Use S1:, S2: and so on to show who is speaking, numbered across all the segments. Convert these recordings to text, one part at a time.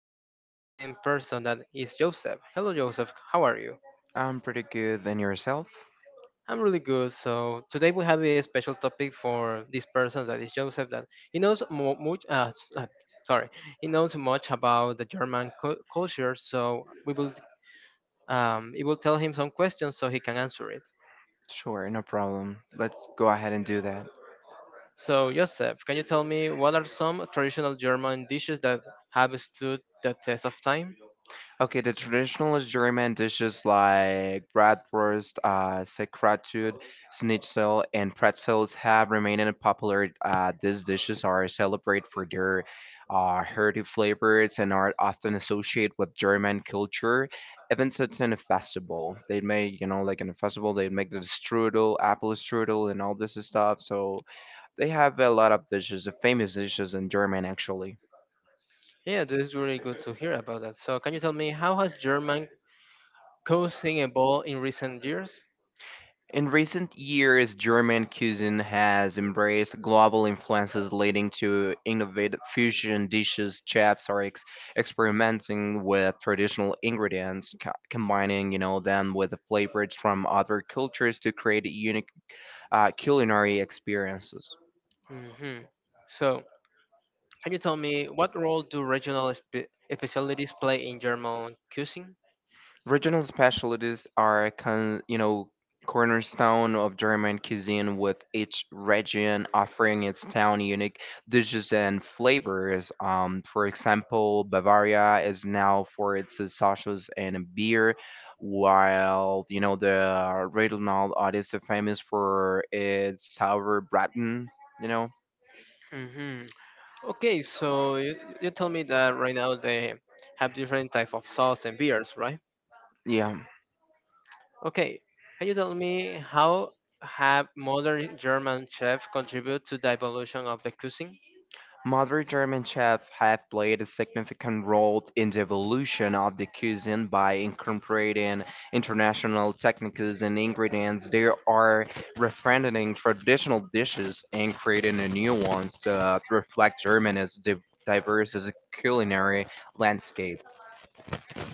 S1: here an interesting person that is Joseph. Hello Joseph, how are you?
S2: I'm pretty good. And yourself?
S1: I'm really good. So today we have a special topic for this person that is Joseph that he knows sorry, he knows much about the German culture, so we will it will tell him some questions so he can answer it.
S2: Sure, no problem. Let's go ahead and do that.
S1: So Joseph, can you tell me what are some traditional German dishes that have stood the test of time?
S2: Okay, the traditional German dishes like bratwurst, sauerkraut, schnitzel, and pretzels have remained popular. These dishes are celebrated for their hearty flavors and are often associated with German culture. Even at in a festival, they make you know like in a festival they make the strudel, apple strudel, and all this stuff. So they have a lot of dishes, famous dishes in German actually.
S1: Yeah, this is really good to hear about that. So, can you tell me how has German coaching evolved in recent years?
S2: In recent years, German cuisine has embraced global influences, leading to innovative fusion dishes. Experimenting with traditional ingredients, combining you know them with the flavors from other cultures to create unique culinary experiences.
S1: Hmm So, can you tell me what role do regional specialties play in German coaching?
S2: Regional specialties are con- You know, cornerstone of German cuisine, with each region offering its town unique dishes and flavors. For example, Bavaria is now for its sausages and beer, while you know the Rheinland is famous for its sauerbraten. You know,
S1: Hmm Okay, so you tell me that right now they have different type of sauce and beers, right?
S2: yeah.
S1: Okay, can you tell me how have modern German chefs contributed to the evolution of the cuisine?
S2: Modern German chefs have played a significant role in the evolution of the cuisine by incorporating international techniques and ingredients. They are refining traditional dishes and creating a new ones that reflect diverse as a culinary landscape.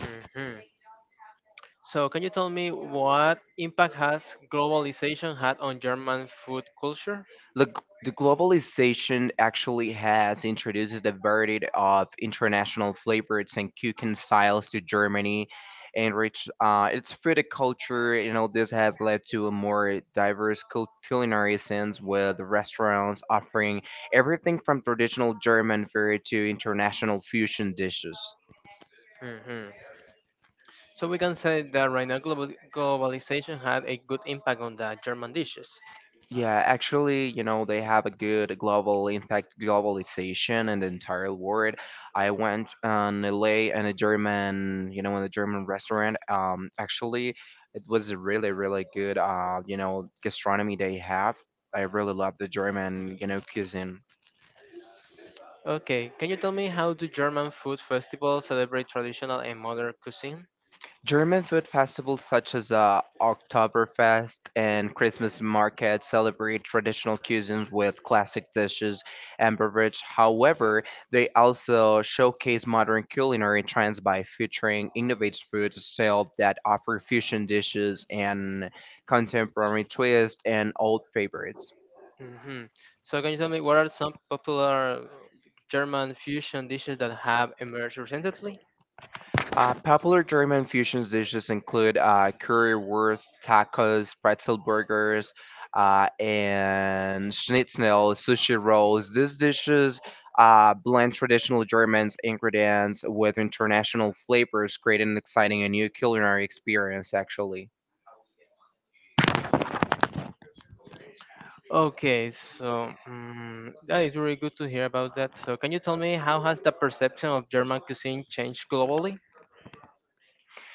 S1: Hmm So, can you tell me what impact has globalization had on German food culture?
S2: The, g- the globalization actually has introduced a variety of international flavors and cooking styles to Germany, enriched its food culture. You know, this has led to a more diverse culinary sense, with restaurants offering everything from traditional German food to international fusion dishes.
S1: Hmm So we can say that right now globalization had a good impact on the German dishes.
S2: Yeah, actually, you know, they have a good global, impact, globalization in the entire world. I went on LA and a German, you know, in a German restaurant. Actually, it was a really, really good, you know, gastronomy they have. I really love the German, you know, cuisine.
S1: Okay, can you tell me how do German food festivals celebrate traditional and modern cuisine?
S2: German food festivals such as Oktoberfest and Christmas markets celebrate traditional cuisines with classic dishes and beverages. However, they also showcase modern culinary trends by featuring innovative food sales that offer fusion dishes and contemporary twists and old favorites.
S1: Hmm So can you tell me what are some popular German fusion dishes that have emerged recently?
S2: Popular German fusion dishes include currywurst, tacos, pretzel burgers, and schnitzel, sushi rolls. These dishes blend traditional German ingredients with international flavors, creating an exciting and new culinary experience, actually.
S1: Okay, so mm that is really good to hear about that. So can you tell me how has the perception of German cuisine changed globally?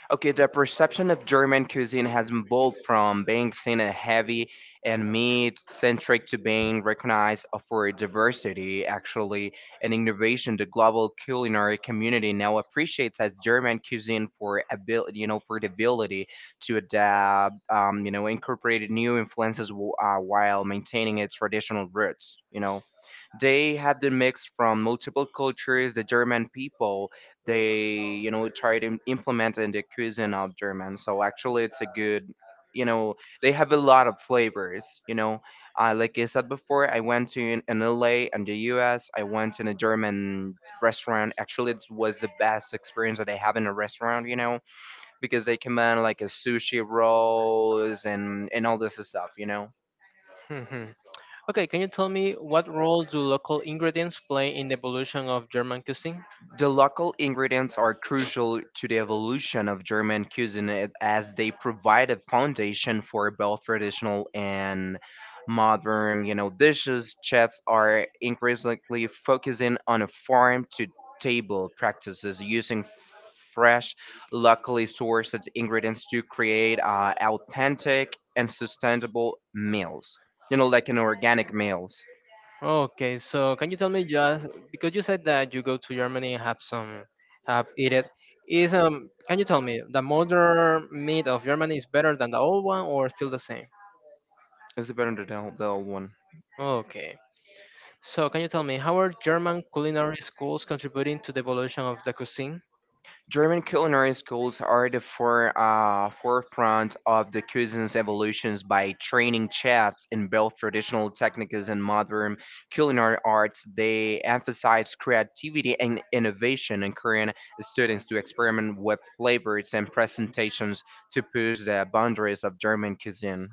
S2: Okay, the perception of German cuisine has evolved from being seen as heavy and meat-centric to being recognized for its diversity, actually, and innovation. The global culinary community now appreciates as German cuisine for ability, you know, for the ability to adapt, you know, incorporate new influences while maintaining its traditional roots. You know, they have the mix from multiple cultures. The German people, they you know try to implement in the cuisine of German, so actually it's a good, you know, they have a lot of flavors, you know, like I said before, I went to in LA and the US. I went in a German restaurant. Actually, it was the best experience that I have in a restaurant, you know, because they command like a sushi rolls and all this stuff, you know.
S1: Hmm Okay, can you tell me what role do local ingredients play in the evolution of German cuisine?
S2: The local ingredients are crucial to the evolution of German cuisine as they provide a foundation for both traditional and modern, you know, dishes. Chefs are increasingly focusing on farm to table practices using fresh, locally sourced ingredients to create authentic and sustainable meals. You know, like an organic meals.
S1: Okay, so can you tell me just because you said that you go to Germany and have some have eat it is can you tell me the modern meat of Germany is better than the old one or still the same?
S2: Is it better than the old one?
S1: Okay. So can you tell me how are German culinary schools contributing to the evolution of the cuisine?
S2: German culinary schools are the forefront of the cuisine's evolutions by training chefs in both traditional techniques and modern culinary arts. They emphasize creativity and innovation, encouraging students to experiment with flavors and presentations to push the boundaries of German cuisine.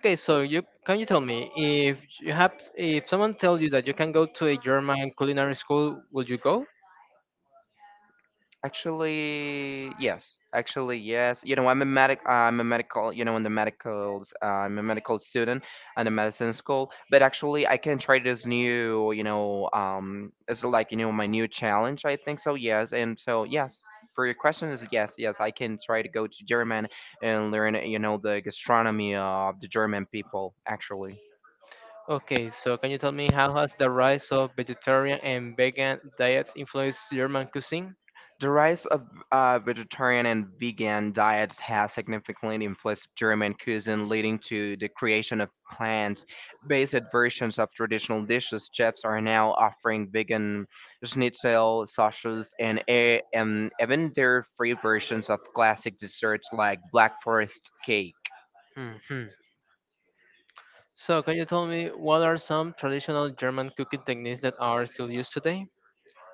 S1: Okay, so you can you tell me you have if someone tells you that you can go to a German culinary school, will you go?
S2: Actually, yes. Actually, yes. You know, I'm a medic. I'm a medical. You know, in the medicals, I'm a medical student in the medicine school. But actually, I can try this new. You know, it's like you know my new challenge. I think so. Yes, and so yes. For your question is yes, yes. I can try to go to German and learn. You know, the gastronomy of the German people. Actually.
S1: Okay, so can you tell me how has the rise of vegetarian and vegan diets influenced German cuisine?
S2: The rise of vegetarian and vegan diets has significantly influenced German cuisine, leading to the creation of plant-based versions of traditional dishes. Chefs are now offering vegan schnitzel, sausages, and even dairy-free versions of classic desserts like black forest cake.
S1: Hmm So can you tell me what are some traditional German cooking techniques that are still used today?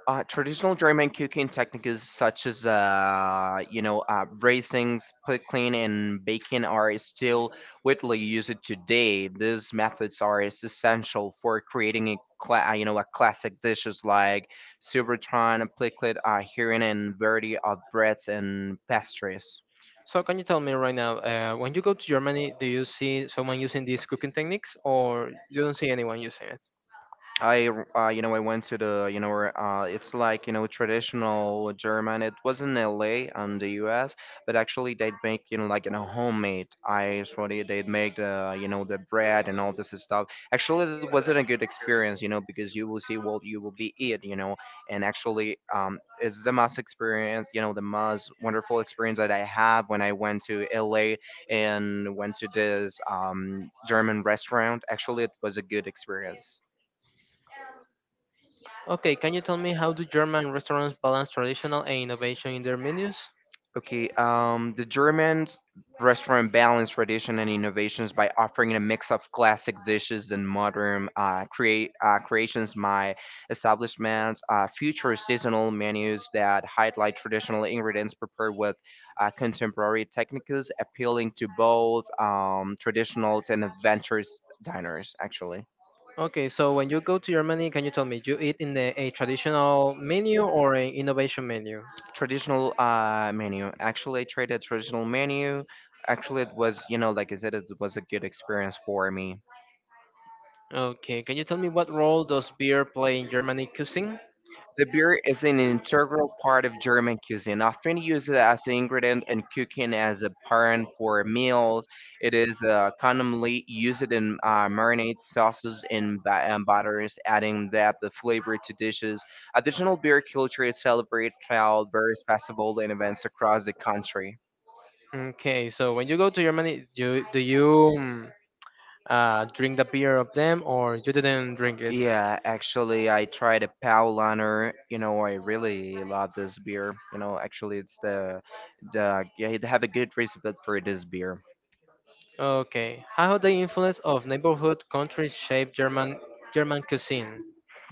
S2: Traditional German cooking techniques such as you know raisins, pickling, and baking are still widely used today. These methods are essential for creating you know a classic dishes like soubreton, picklet, herring, and variety of breads and pastries.
S1: So can you tell me right now, when you go to Germany, do you see someone using these cooking techniques or you don't see anyone using it?
S2: I, you know, I went to the you know where, it's like you know traditional German. It was in L.A. and the U.S., but actually they'd make you know like you know homemade ice sorry They'd make the you know the bread and all this stuff. Actually, it wasn't a good experience, you know, because you will see what you will be eat, you know, and actually it's the most experience, you know, the most wonderful experience that I have when I went to L.A. and went to this German restaurant. Actually, it was a good experience.
S1: Okay, can you tell me how do German restaurants balance traditional and innovation in their menus?
S2: Okay, the German restaurant balanced tradition and innovations by offering a mix of classic dishes and modern create creations. My establishments feature seasonal menus that highlight traditional ingredients prepared with contemporary techniques, appealing to both traditional and adventurous diners. Actually,
S1: Okay, so when you go to Germany, can you tell me you eat in a traditional menu or an innovation menu?
S2: traditional menu. Actually, I tried a traditional menu. Actually, it was you know, like I said, it was a good experience for me.
S1: Okay, can you tell me what role does beer play in Germany cuisine?
S2: The beer is an integral part of German cuisine, often used as an ingredient in cooking as a parent for meals. It is commonly used in marinades, sauces, and butters, adding depth of flavor to dishes. Additional beer culture is celebrated throughout various festivals and events across the country.
S1: Okay, so when you go to Germany, do you mm, drink the beer of them or you didn't drink it?
S2: Yeah, actually, I tried a Paulaner. You know, I really love this beer. You know, actually, it's the. They have a good recipe for this beer.
S1: Okay, how the influence of neighborhood countries shape German cuisine?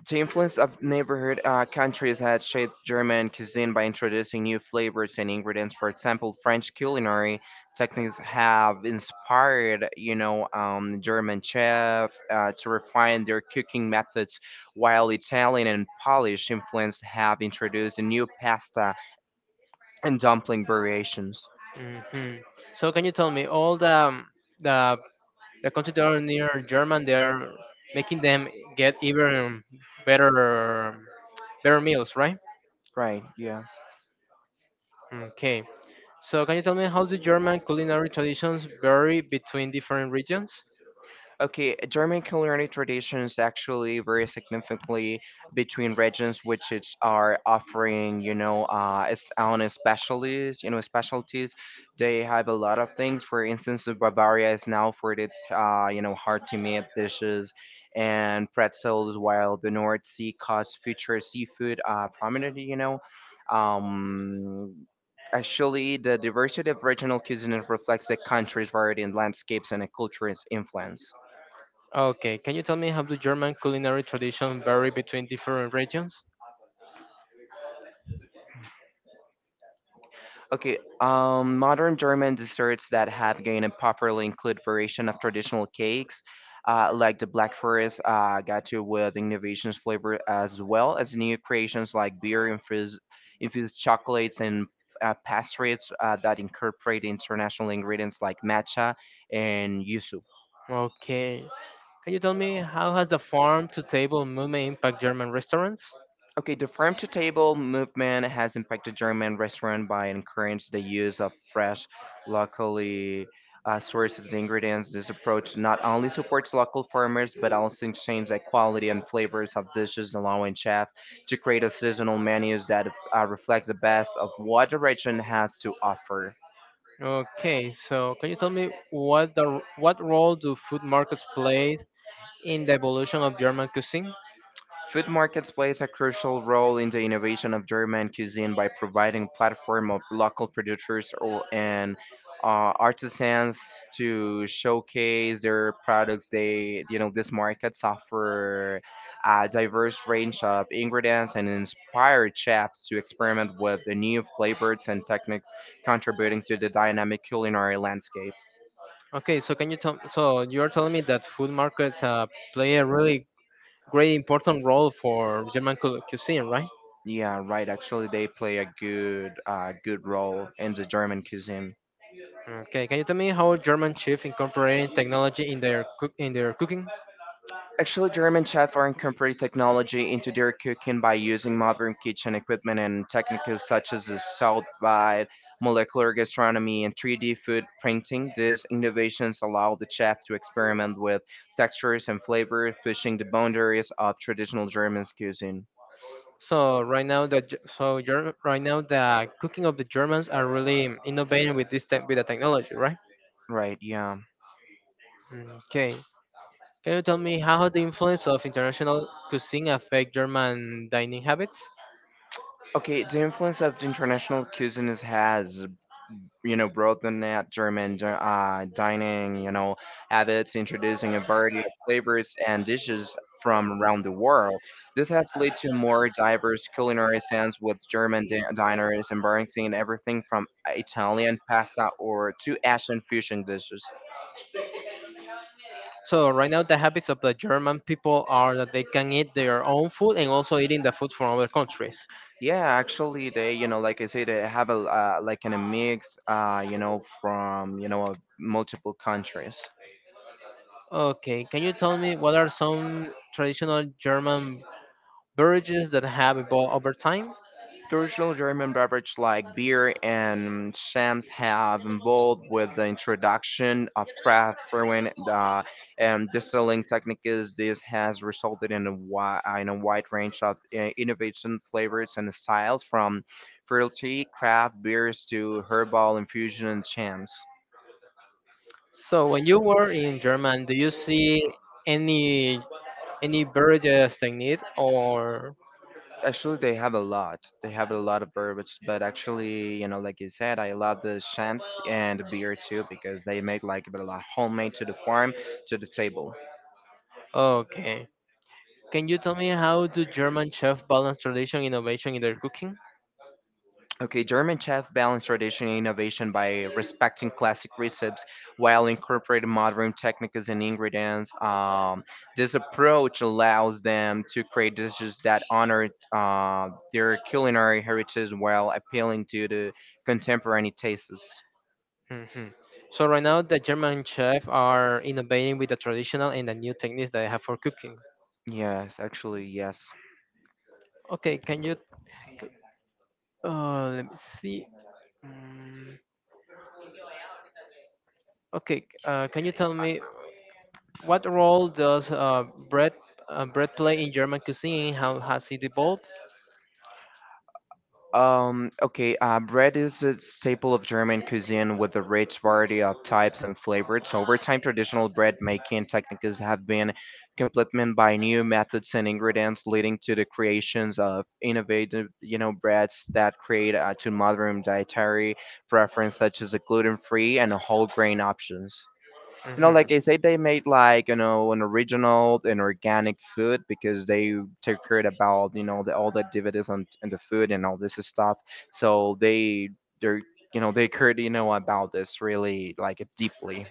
S2: The influence of neighborhood countries had shaped German cuisine by introducing new flavors and ingredients. For example, French culinary techniques have inspired, you know, German chefs to refine their cooking methods, while Italian and Polish influence have introduced new pasta and dumpling variations.
S1: Hmm So can you tell me all the the the countries that are near German, they are making them get even better better meals, right?
S2: Right. Yeah.
S1: Okay. So can you tell me how the German culinary traditions vary between different regions?
S2: Okay, German culinary traditions actually vary significantly between regions, which is are offering, you know, its own specialties. They have a lot of things. For instance, Bavaria is now for its, you know, hard to meat dishes and pretzels, while the North Sea coast features seafood prominently, you know. Um, Actually, the diversity of regional cuisine reflects the country's variety in landscapes and a culture's influence.
S1: Okay. Can you tell me how the German culinary traditions vary between different regions?
S2: Okay, modern German desserts that have gained a popular include variation of traditional cakes, like the Black Forest gotcha with innovations flavor, as well as new creations like infused chocolates and pastries that incorporate international ingredients like matcha and yuzu.
S1: Okay. Can you tell me how has the farm to table movement impact German restaurants?
S2: Okay, the farm to table movement has impacted German restaurant by encouraging the use of fresh, locally sourced ingredients. This approach not only supports local farmers but also changes the quality and flavors of dishes, allowing chefs to create a seasonal menus that reflects the best of what the region has to offer.
S1: Okay, so can you tell me what the what role do food markets play in the evolution of German cuisine?
S2: Food markets plays a crucial role in the innovation of German cuisine by providing platform of local producers and artisans to showcase their products. They, you know, these markets offer a diverse range of ingredients and inspire chefs to experiment with the new flavors and techniques, contributing to the dynamic culinary landscape.
S1: Okay, so can you tell so You're telling me that food markets play a really great important role for German cuisine, right?
S2: Yeah, right. Actually, they play a good role in the German cuisine.
S1: Okay, can you tell me how German chefs incorporating technology in their cooking?
S2: Actually, German chefs are incorporating technology into their cooking by using modern kitchen equipment and techniques such as the salt bite, molecular gastronomy, and 3D food printing. These innovations allow the chef to experiment with textures and flavors, pushing the boundaries of traditional German cuisine.
S1: So right now the Ge- so Ger- right now the cooking of the Germans are really innovating with this tech with the technology, right?
S2: Right, yeah.
S1: Okay, can you tell me how the influence of international cuisine affect German dining habits?
S2: Okay, the influence of the international cuisines has you know, broaden that dining, you know, habits, introducing a variety of flavors and dishes from around the world. This has led to more diverse culinary scenes with diners embracing everything from Italian pasta or to Asian fusion dishes.
S1: So right now the habits of the German people are that they can eat their own food and also eating the food from other countries.
S2: Yeah, actually, they, you know, like I say, they have a like in a mix, you know, from you know, multiple countries.
S1: Okay, can you tell me what are some traditional German beverages that have evolved over time?
S2: Traditional German beverages like beer and shams have evolved with the introduction of craft brewing and distilling techniques. This has resulted in a wide range of innovation flavors and styles, from fruity craft beers to herbal infusion and shams.
S1: So when you were in German, do you see any any beverages they need or
S2: Actually, they have a lot. They have a lot of bourbons, but actually, you know, like you said, I love the champs and beer too because they make like a lot homemade to the farm to the table.
S1: okay? Can you tell me how do German chefs balance tradition and innovation in their cooking?
S2: Okay, German chef balance tradition and innovation by respecting classic recipes while incorporating modern techniques and ingredients. This approach allows them to create dishes that honor their culinary heritage while appealing to the contemporary tastes.
S1: Hmm So right now, the German chefs are innovating with the traditional and the new techniques that they have for cooking.
S2: Yes, actually, yes.
S1: Okay, can you? c- Let me see. Mm, okay, can you tell me what role does bread play in German cuisine? How has it evolved?
S2: Okay, bread is a staple of German cuisine with a rich variety of types and flavors. Over time, traditional bread making techniques have been complemented by new methods and ingredients, leading to the creations of innovative, you know, breads that create to modern dietary preference, such as a gluten-free and a whole grain options. You know,
S1: Mhm.
S2: like I said, they made like, you know, an original and organic food because they took care about, you know, the, all the dividends on, and the food and all this stuff, so they're, you know, they cared, you know, about this really like deeply.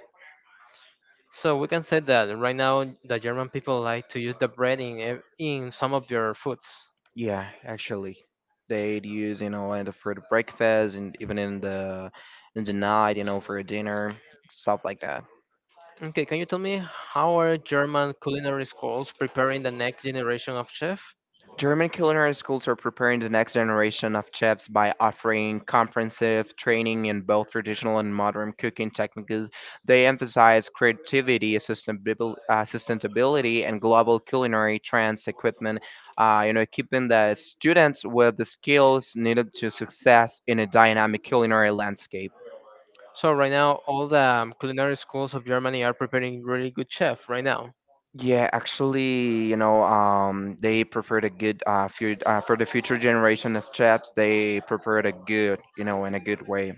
S1: So we can say that right now the German people like to use the bread in in some of their foods.
S2: Yeah, actually, they'd use, you know, in the for the breakfast and even in the night, you know, for dinner, stuff like that.
S1: Okay, can you tell me how are German culinary schools preparing the next generation of chef?
S2: German culinary schools are preparing the next generation of chefs by offering comprehensive training in both traditional and modern cooking techniques. They emphasize creativity, sustainability, and global culinary trends equipment, you know, equipping the students with the skills needed to success in a dynamic culinary landscape.
S1: So right now, all the culinary schools of Germany are preparing really good chef right now.
S2: Yeah, actually, you know, they prepared a good few, for the future generation of chefs. They prepared a good, you know, in a good way.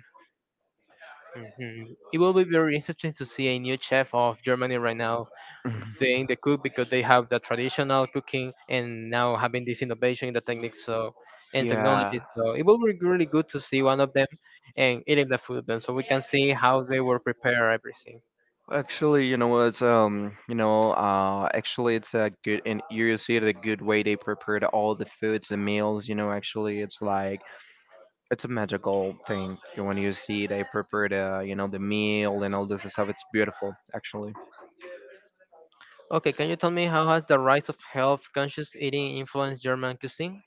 S1: Mhm. It will be very interesting to see a new chef of Germany right now
S2: Mhm.
S1: doing the cook because they have the traditional cooking and now having this innovation in the techniques so and technology.
S2: Yeah.
S1: So it will be really good to see one of them and eating the food then so we can see how they will prepare everything.
S2: Actually, you know what? Actually, it's a good and you see the good way they prepared all the foods, the meals. You know, actually, it's like it's a magical thing. You know, when you see they prepared, you know, the meal and all this stuff. It's beautiful, actually.
S1: Okay, can you tell me how has the rise of health-conscious eating influenced German cuisine?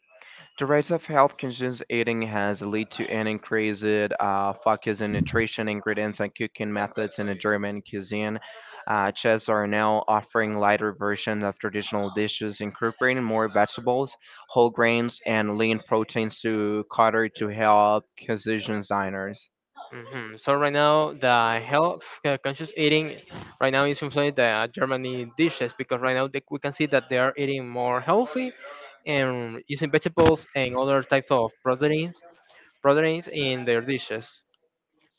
S2: The rise of health conscious eating has led to an increased focus on nutrition, ingredients, and cooking methods in the German cuisine. Chefs are now offering lighter versions of traditional dishes, incorporating more vegetables, whole grains, and lean proteins to cater to health conscious diners.
S1: Hmm So right now, the health-conscious eating right now is influencing the Germany dishes because right now we can see that they are eating more healthy and using vegetables and other types of proteins in their dishes.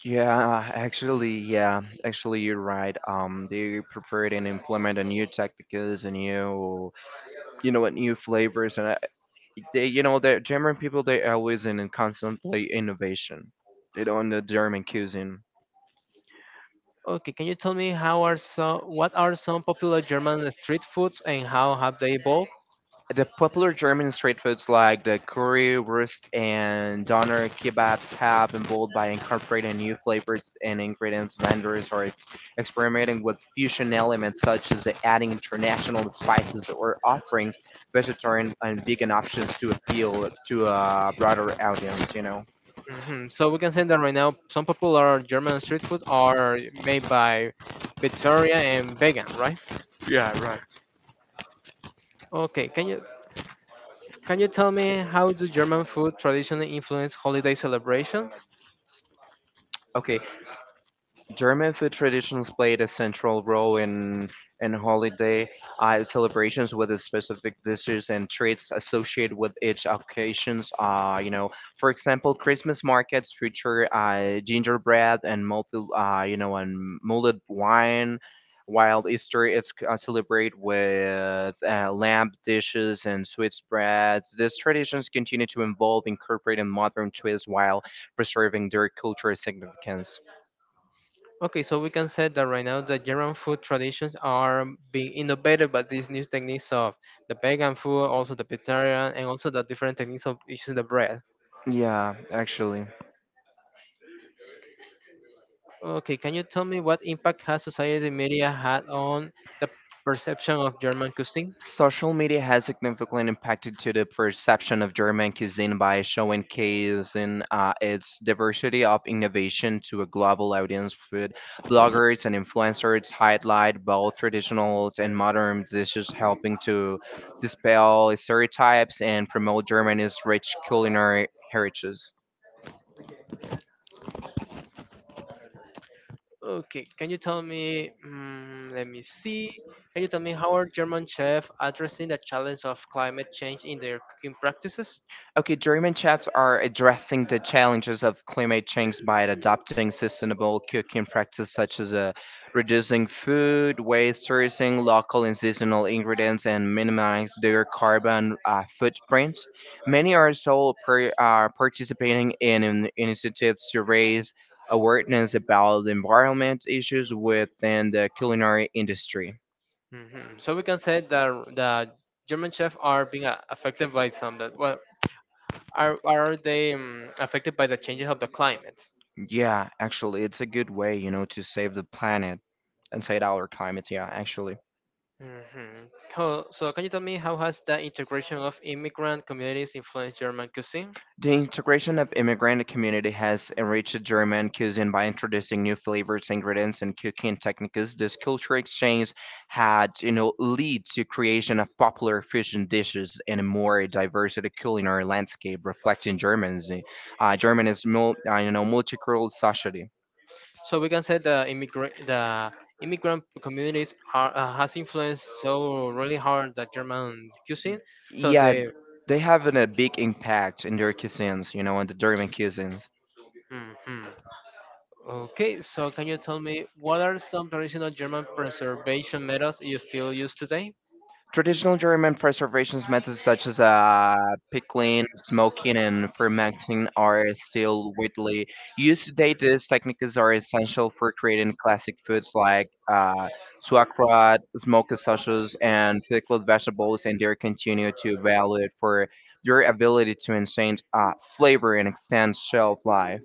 S2: Yeah, actually, you're right. They prepared and implement a new tactics, and new, you know, what new flavors, and I, they you know the German people they always in constantly innovation. They don't the German cuisine.
S1: Okay, can you tell me how are so what are some popular German street foods and how have they evolved?
S2: The popular German street foods like the currywurst and doner kebabs have been bold by incorporating new flavors and ingredients. Vendors are experimenting with fusion elements such as the adding international spices or offering vegetarian and vegan options to appeal to a broader audience. You know.
S1: Hmm So we can say that right now some popular German street food are made by vegetarian and vegan, right?
S2: Yeah, right.
S1: Okay, can you tell me how do German food traditionally influence holiday celebrations?
S2: Okay, German food traditions played a central role in holiday celebrations with the specific dishes and treats associated with each occasions. You know, for example, Christmas markets feature gingerbread and mulled wine, while Easter is celebrated with lamb dishes and sweet breads. These traditions continue to evolve, incorporating modern twists while preserving their cultural significance.
S1: Okay, so we can say that right now the German food traditions are being innovated by these new techniques of the vegan food, also the vegetarian, and also the different techniques of using the bread.
S2: Yeah, actually.
S1: Okay, can you tell me what impact has society media had on the perception of German cuisine?
S2: Social media has significantly impacted to the perception of German cuisine by showcasing its diversity of innovation to a global audience. Food bloggers and influencers highlight both traditional and modern dishes, helping to dispel stereotypes and promote Germany's rich culinary heritage.
S1: Okay, can you tell me? Let me see. Can you tell me how are German chefs addressing the challenge of climate change in their cooking practices?
S2: Okay, German chefs are addressing the challenges of climate change by adopting sustainable cooking practices such as reducing food waste, sourcing local and seasonal ingredients, and minimize their carbon footprint. Many are also participating in initiatives to raise awareness about the environment issues within the culinary industry.
S1: Hmm So we can say that the German chefs are affected by some that are they affected by the changes of the climate?
S2: Yeah, actually, it's a good way, you know, to save the planet and save our climate. Yeah, actually.
S1: Hmm So, can you tell me how has the integration of immigrant communities influenced German cuisine?
S2: The integration of immigrant community has enriched German cuisine by introducing new flavors, ingredients, and cooking techniques. This culture exchange had, you know, lead to creation of popular fusion dishes and a more diverse culinary landscape reflecting Germany's you know multicultural society.
S1: So we can say the immigrant communities are has influenced so really hard the German cuisine. So
S2: Yeah,
S1: they.
S2: they having a big impact in their cuisines, you know, in the German cuisines.
S1: Mhm. Okay, so can you tell me what are some traditional German preservation methods you still use today?
S2: Traditional German preservation methods such as pickling, smoking, and fermenting are still widely used today. These techniques are essential for creating classic foods like sauerkraut, smoked sausages, and pickled vegetables, and they continue to valued for their ability to enhance flavor and extend shelf life.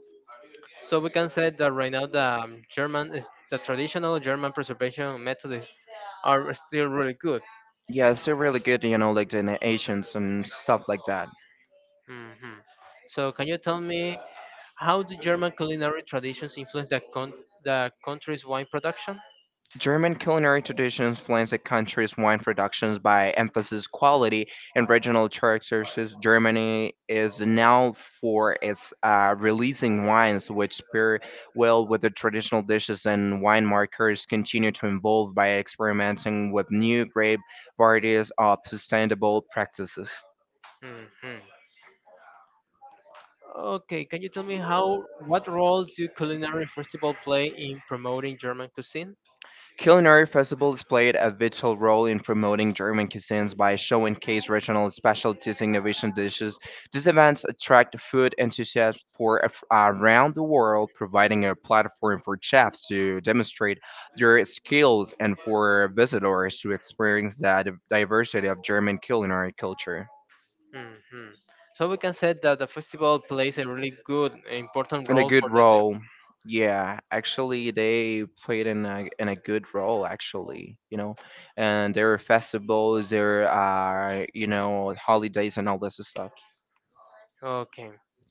S1: So we can say that right now the traditional German preservation methods are still really good.
S2: Yeah, it's really good, you know, like the innovations and stuff like that.
S1: Mhm. So can you tell me how do German culinary traditions influence the country's wine production?
S2: German culinary tradition explains the country's wine productions by emphasis quality and regional characteristics. Germany is now for its releasing wines, which pair well with the traditional dishes, and wine makers continue to evolve by experimenting with new grape varieties of sustainable practices.
S1: Mhm. Okay, can you tell me how what role do culinary festival play in promoting German cuisine?
S2: Culinary festivals played a vital role in promoting German cuisines by showcasing regional specialties and innovation dishes. These events attract food enthusiasts for around the world, providing a platform for chefs to demonstrate their skills and for visitors to experience the diversity of German culinary culture
S1: Mhm. So we can say that the festival plays a really good important
S2: in a
S1: role
S2: good
S1: for the
S2: role. Yeah, actually, they played in a good role. Actually, you know, and there are festivals, there are, you know, holidays and all this stuff.
S1: okay.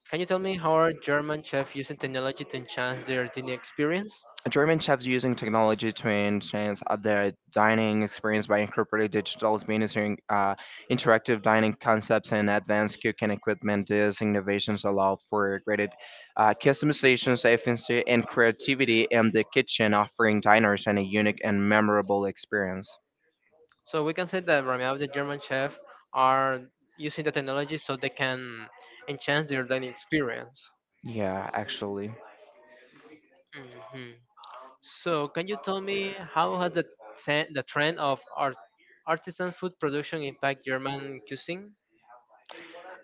S1: Can you tell me how are German chefs using technology to enhance their dining experience?
S2: German chefs using technology to enhance their dining experience by incorporating digital experiences, interactive dining concepts, and advanced cooking equipment. These innovations allow for greater customization, efficiency, and creativity in the kitchen, offering diners an a unique and memorable experience.
S1: So we can say that right now the German chefs are using the technology so they can enhance their dining experience.
S2: Yeah, actually.
S1: Hmm So, can you tell me how has the trend of artisan food production impact German cuisine?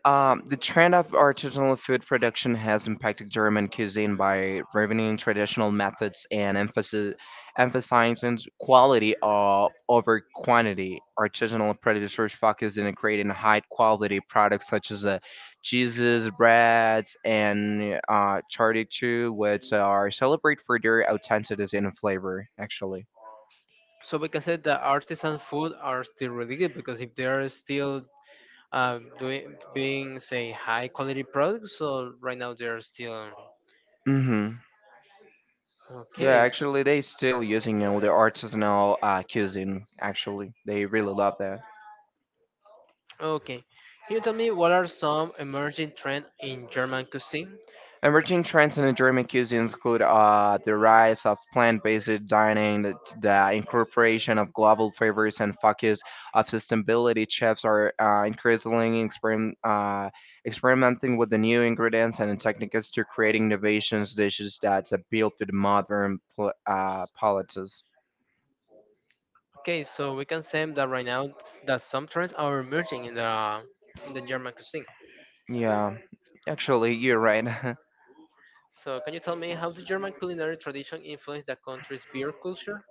S2: The trend of artisanal food production has impacted German cuisine by revealing traditional methods and emphasizing quality of, over quantity. Artisanal producers focus on creating high quality products such as cheeses, breads, and charcuterie, which are celebrated for their authenticity and flavor, actually.
S1: So we can say that artisan food are still really good because if they are still doing being say high quality products, so right now they are still
S2: Mm-hmm. Yeah,
S1: okay.
S2: actually, they still using, you know, the artisanal cuisine. Actually, they really love that.
S1: Okay, can you tell me what are some emerging trends in German cuisine?
S2: Emerging trends in German cuisine include the rise of plant-based dining, the incorporation of global flavors, and focus of sustainability. Chefs are increasingly experimenting with the new ingredients and techniques to create innovations dishes that appeal to the modern palates.
S1: Okay, so we can say that right now that some trends are emerging in the German cuisine.
S2: Yeah, actually, you're right.
S1: So, can you tell me how the German culinary tradition influenced the country's beer culture?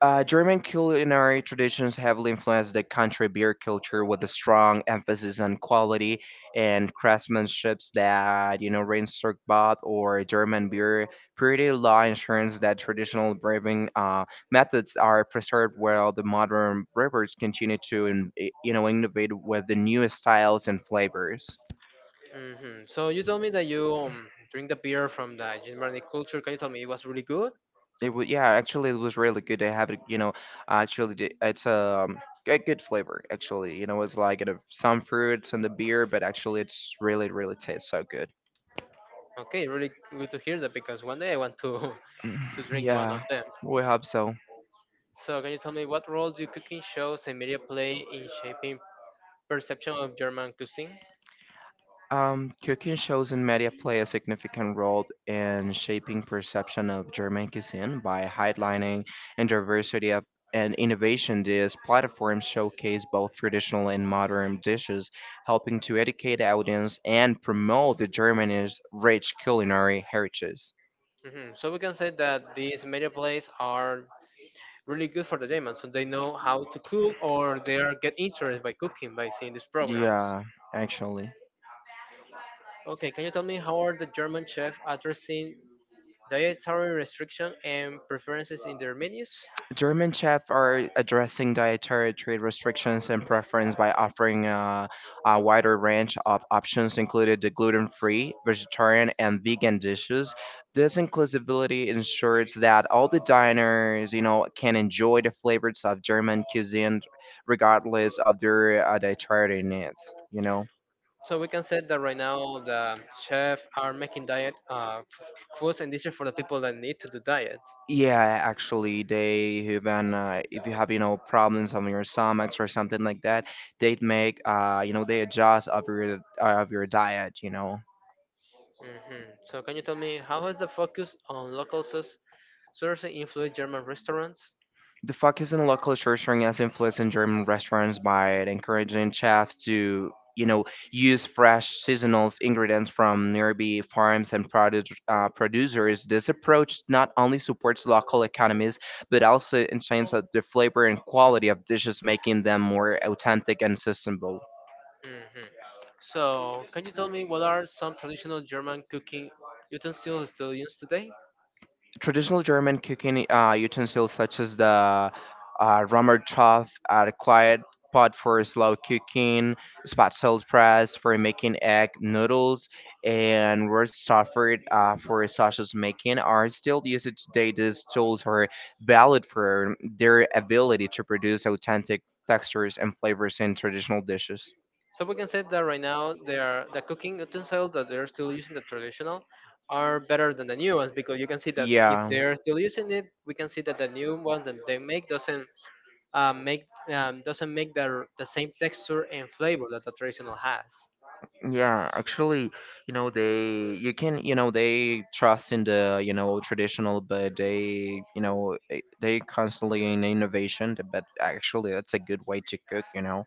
S2: German culinary traditions heavily influenced the country beer culture with a strong emphasis on quality and craftsmanships that, you know, Rheinstock or German beer purity law ensures that traditional brewing methods are preserved while the modern brewers continue to, in, you know, innovate with the newest styles and flavors.
S1: Hmm So, you told me that you drink the beer from the Germanic culture. Can you tell me it was really good?
S2: It was, yeah, actually it was really good. They have it, you know, actually it's a good flavor actually. You know, it's like, you know, some fruits and the beer, but actually it's really really tastes so good.
S1: Okay, really good to hear that because one day I want to to drink one
S2: Yeah,
S1: of them.
S2: we hope so.
S1: So, can you tell me what roles do cooking shows and media play in shaping perception of German cuisine?
S2: Cooking shows and media play a significant role in shaping perception of German cuisine by highlighting and diversity of and innovation. These platforms showcase both traditional and modern dishes, helping to educate the audience and promote the Germany's rich culinary heritage.
S1: Hmm So we can say that these media plays are really good for the demons, so they know how to cook or they are get interested by cooking by seeing this program.
S2: Yeah, actually.
S1: Okay, can you tell me how are the German chefs addressing dietary restriction and preferences in their menus?
S2: German chefs are addressing dietary trade restrictions and preference by offering a wider range of options, including the gluten-free, vegetarian, and vegan dishes. This inclusivity ensures that all the diners, you know, can enjoy the flavors of German cuisine regardless of their dietary needs. You know.
S1: So we can say that right now the chefs are making diet foods and dishes for the people that need to do diets.
S2: Yeah, actually, they even if you have, you know, problems on your stomachs or something like that, they'd make you know they adjust of your diet. You know,
S1: Hmm So can you tell me how has the focus on local sources influenced German restaurants?
S2: the focus on local nurturing has influenced in German restaurants by encouraging chefs to, you know, use fresh seasonal ingredients from nearby farms and produce producers. This approach not only supports local economies but also enhances the flavor and quality of dishes, making them more authentic and sustainable.
S1: Hmm So, can you tell me what are some traditional German cooking utensils still used today?
S2: Traditional German cooking utensils such as the Rummertopf, the quiet pot for slow cooking, spatzel press for making egg noodles, and Wurststoffer for sausage making are still used today. These tools are valued for their ability to produce authentic textures and flavors in traditional dishes.
S1: So we can say that right now they are the cooking utensils that they're still using the traditional are better than the new ones because you can see that if
S2: Yeah.
S1: they're still using it, we can see that the new ones that they make doesn't make the same texture and flavor that the traditional has.
S2: Yeah, actually, you know, they you can, you know, they trust in the, you know, traditional, but they, you know, they constantly in innovation, but actually that's a good way to cook, you know.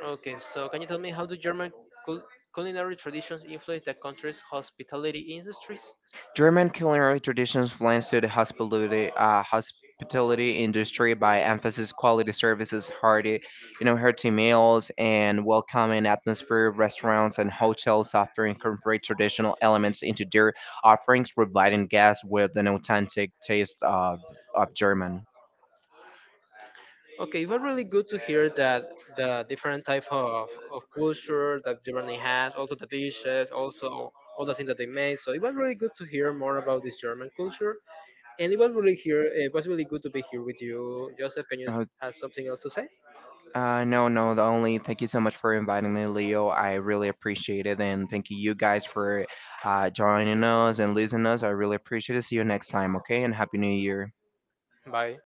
S1: Okay, so can you tell me how do German cul- culinary traditions influence the country's hospitality industries?
S2: German culinary traditions blends to the hospitality industry by emphasis quality services, hearty, you know, hearty meals, and welcoming atmosphere. Restaurants and hotels often incorporate traditional elements into their offerings, providing guests with an authentic taste of German.
S1: Okay, it was really good to hear that the different type of culture that Germany has, also the dishes, also all the things that they made. So it was really good to hear more about this German culture, and it was really here. It was really good to be here with you, Joseph. Can you
S2: Oh.
S1: have something else to say?
S2: No, no. The only thank you so much for inviting me, Leo. I really appreciate it, and thank you, you guys, for joining us and listening us. I really appreciate it. See you next time, okay? And happy New Year.
S1: Bye.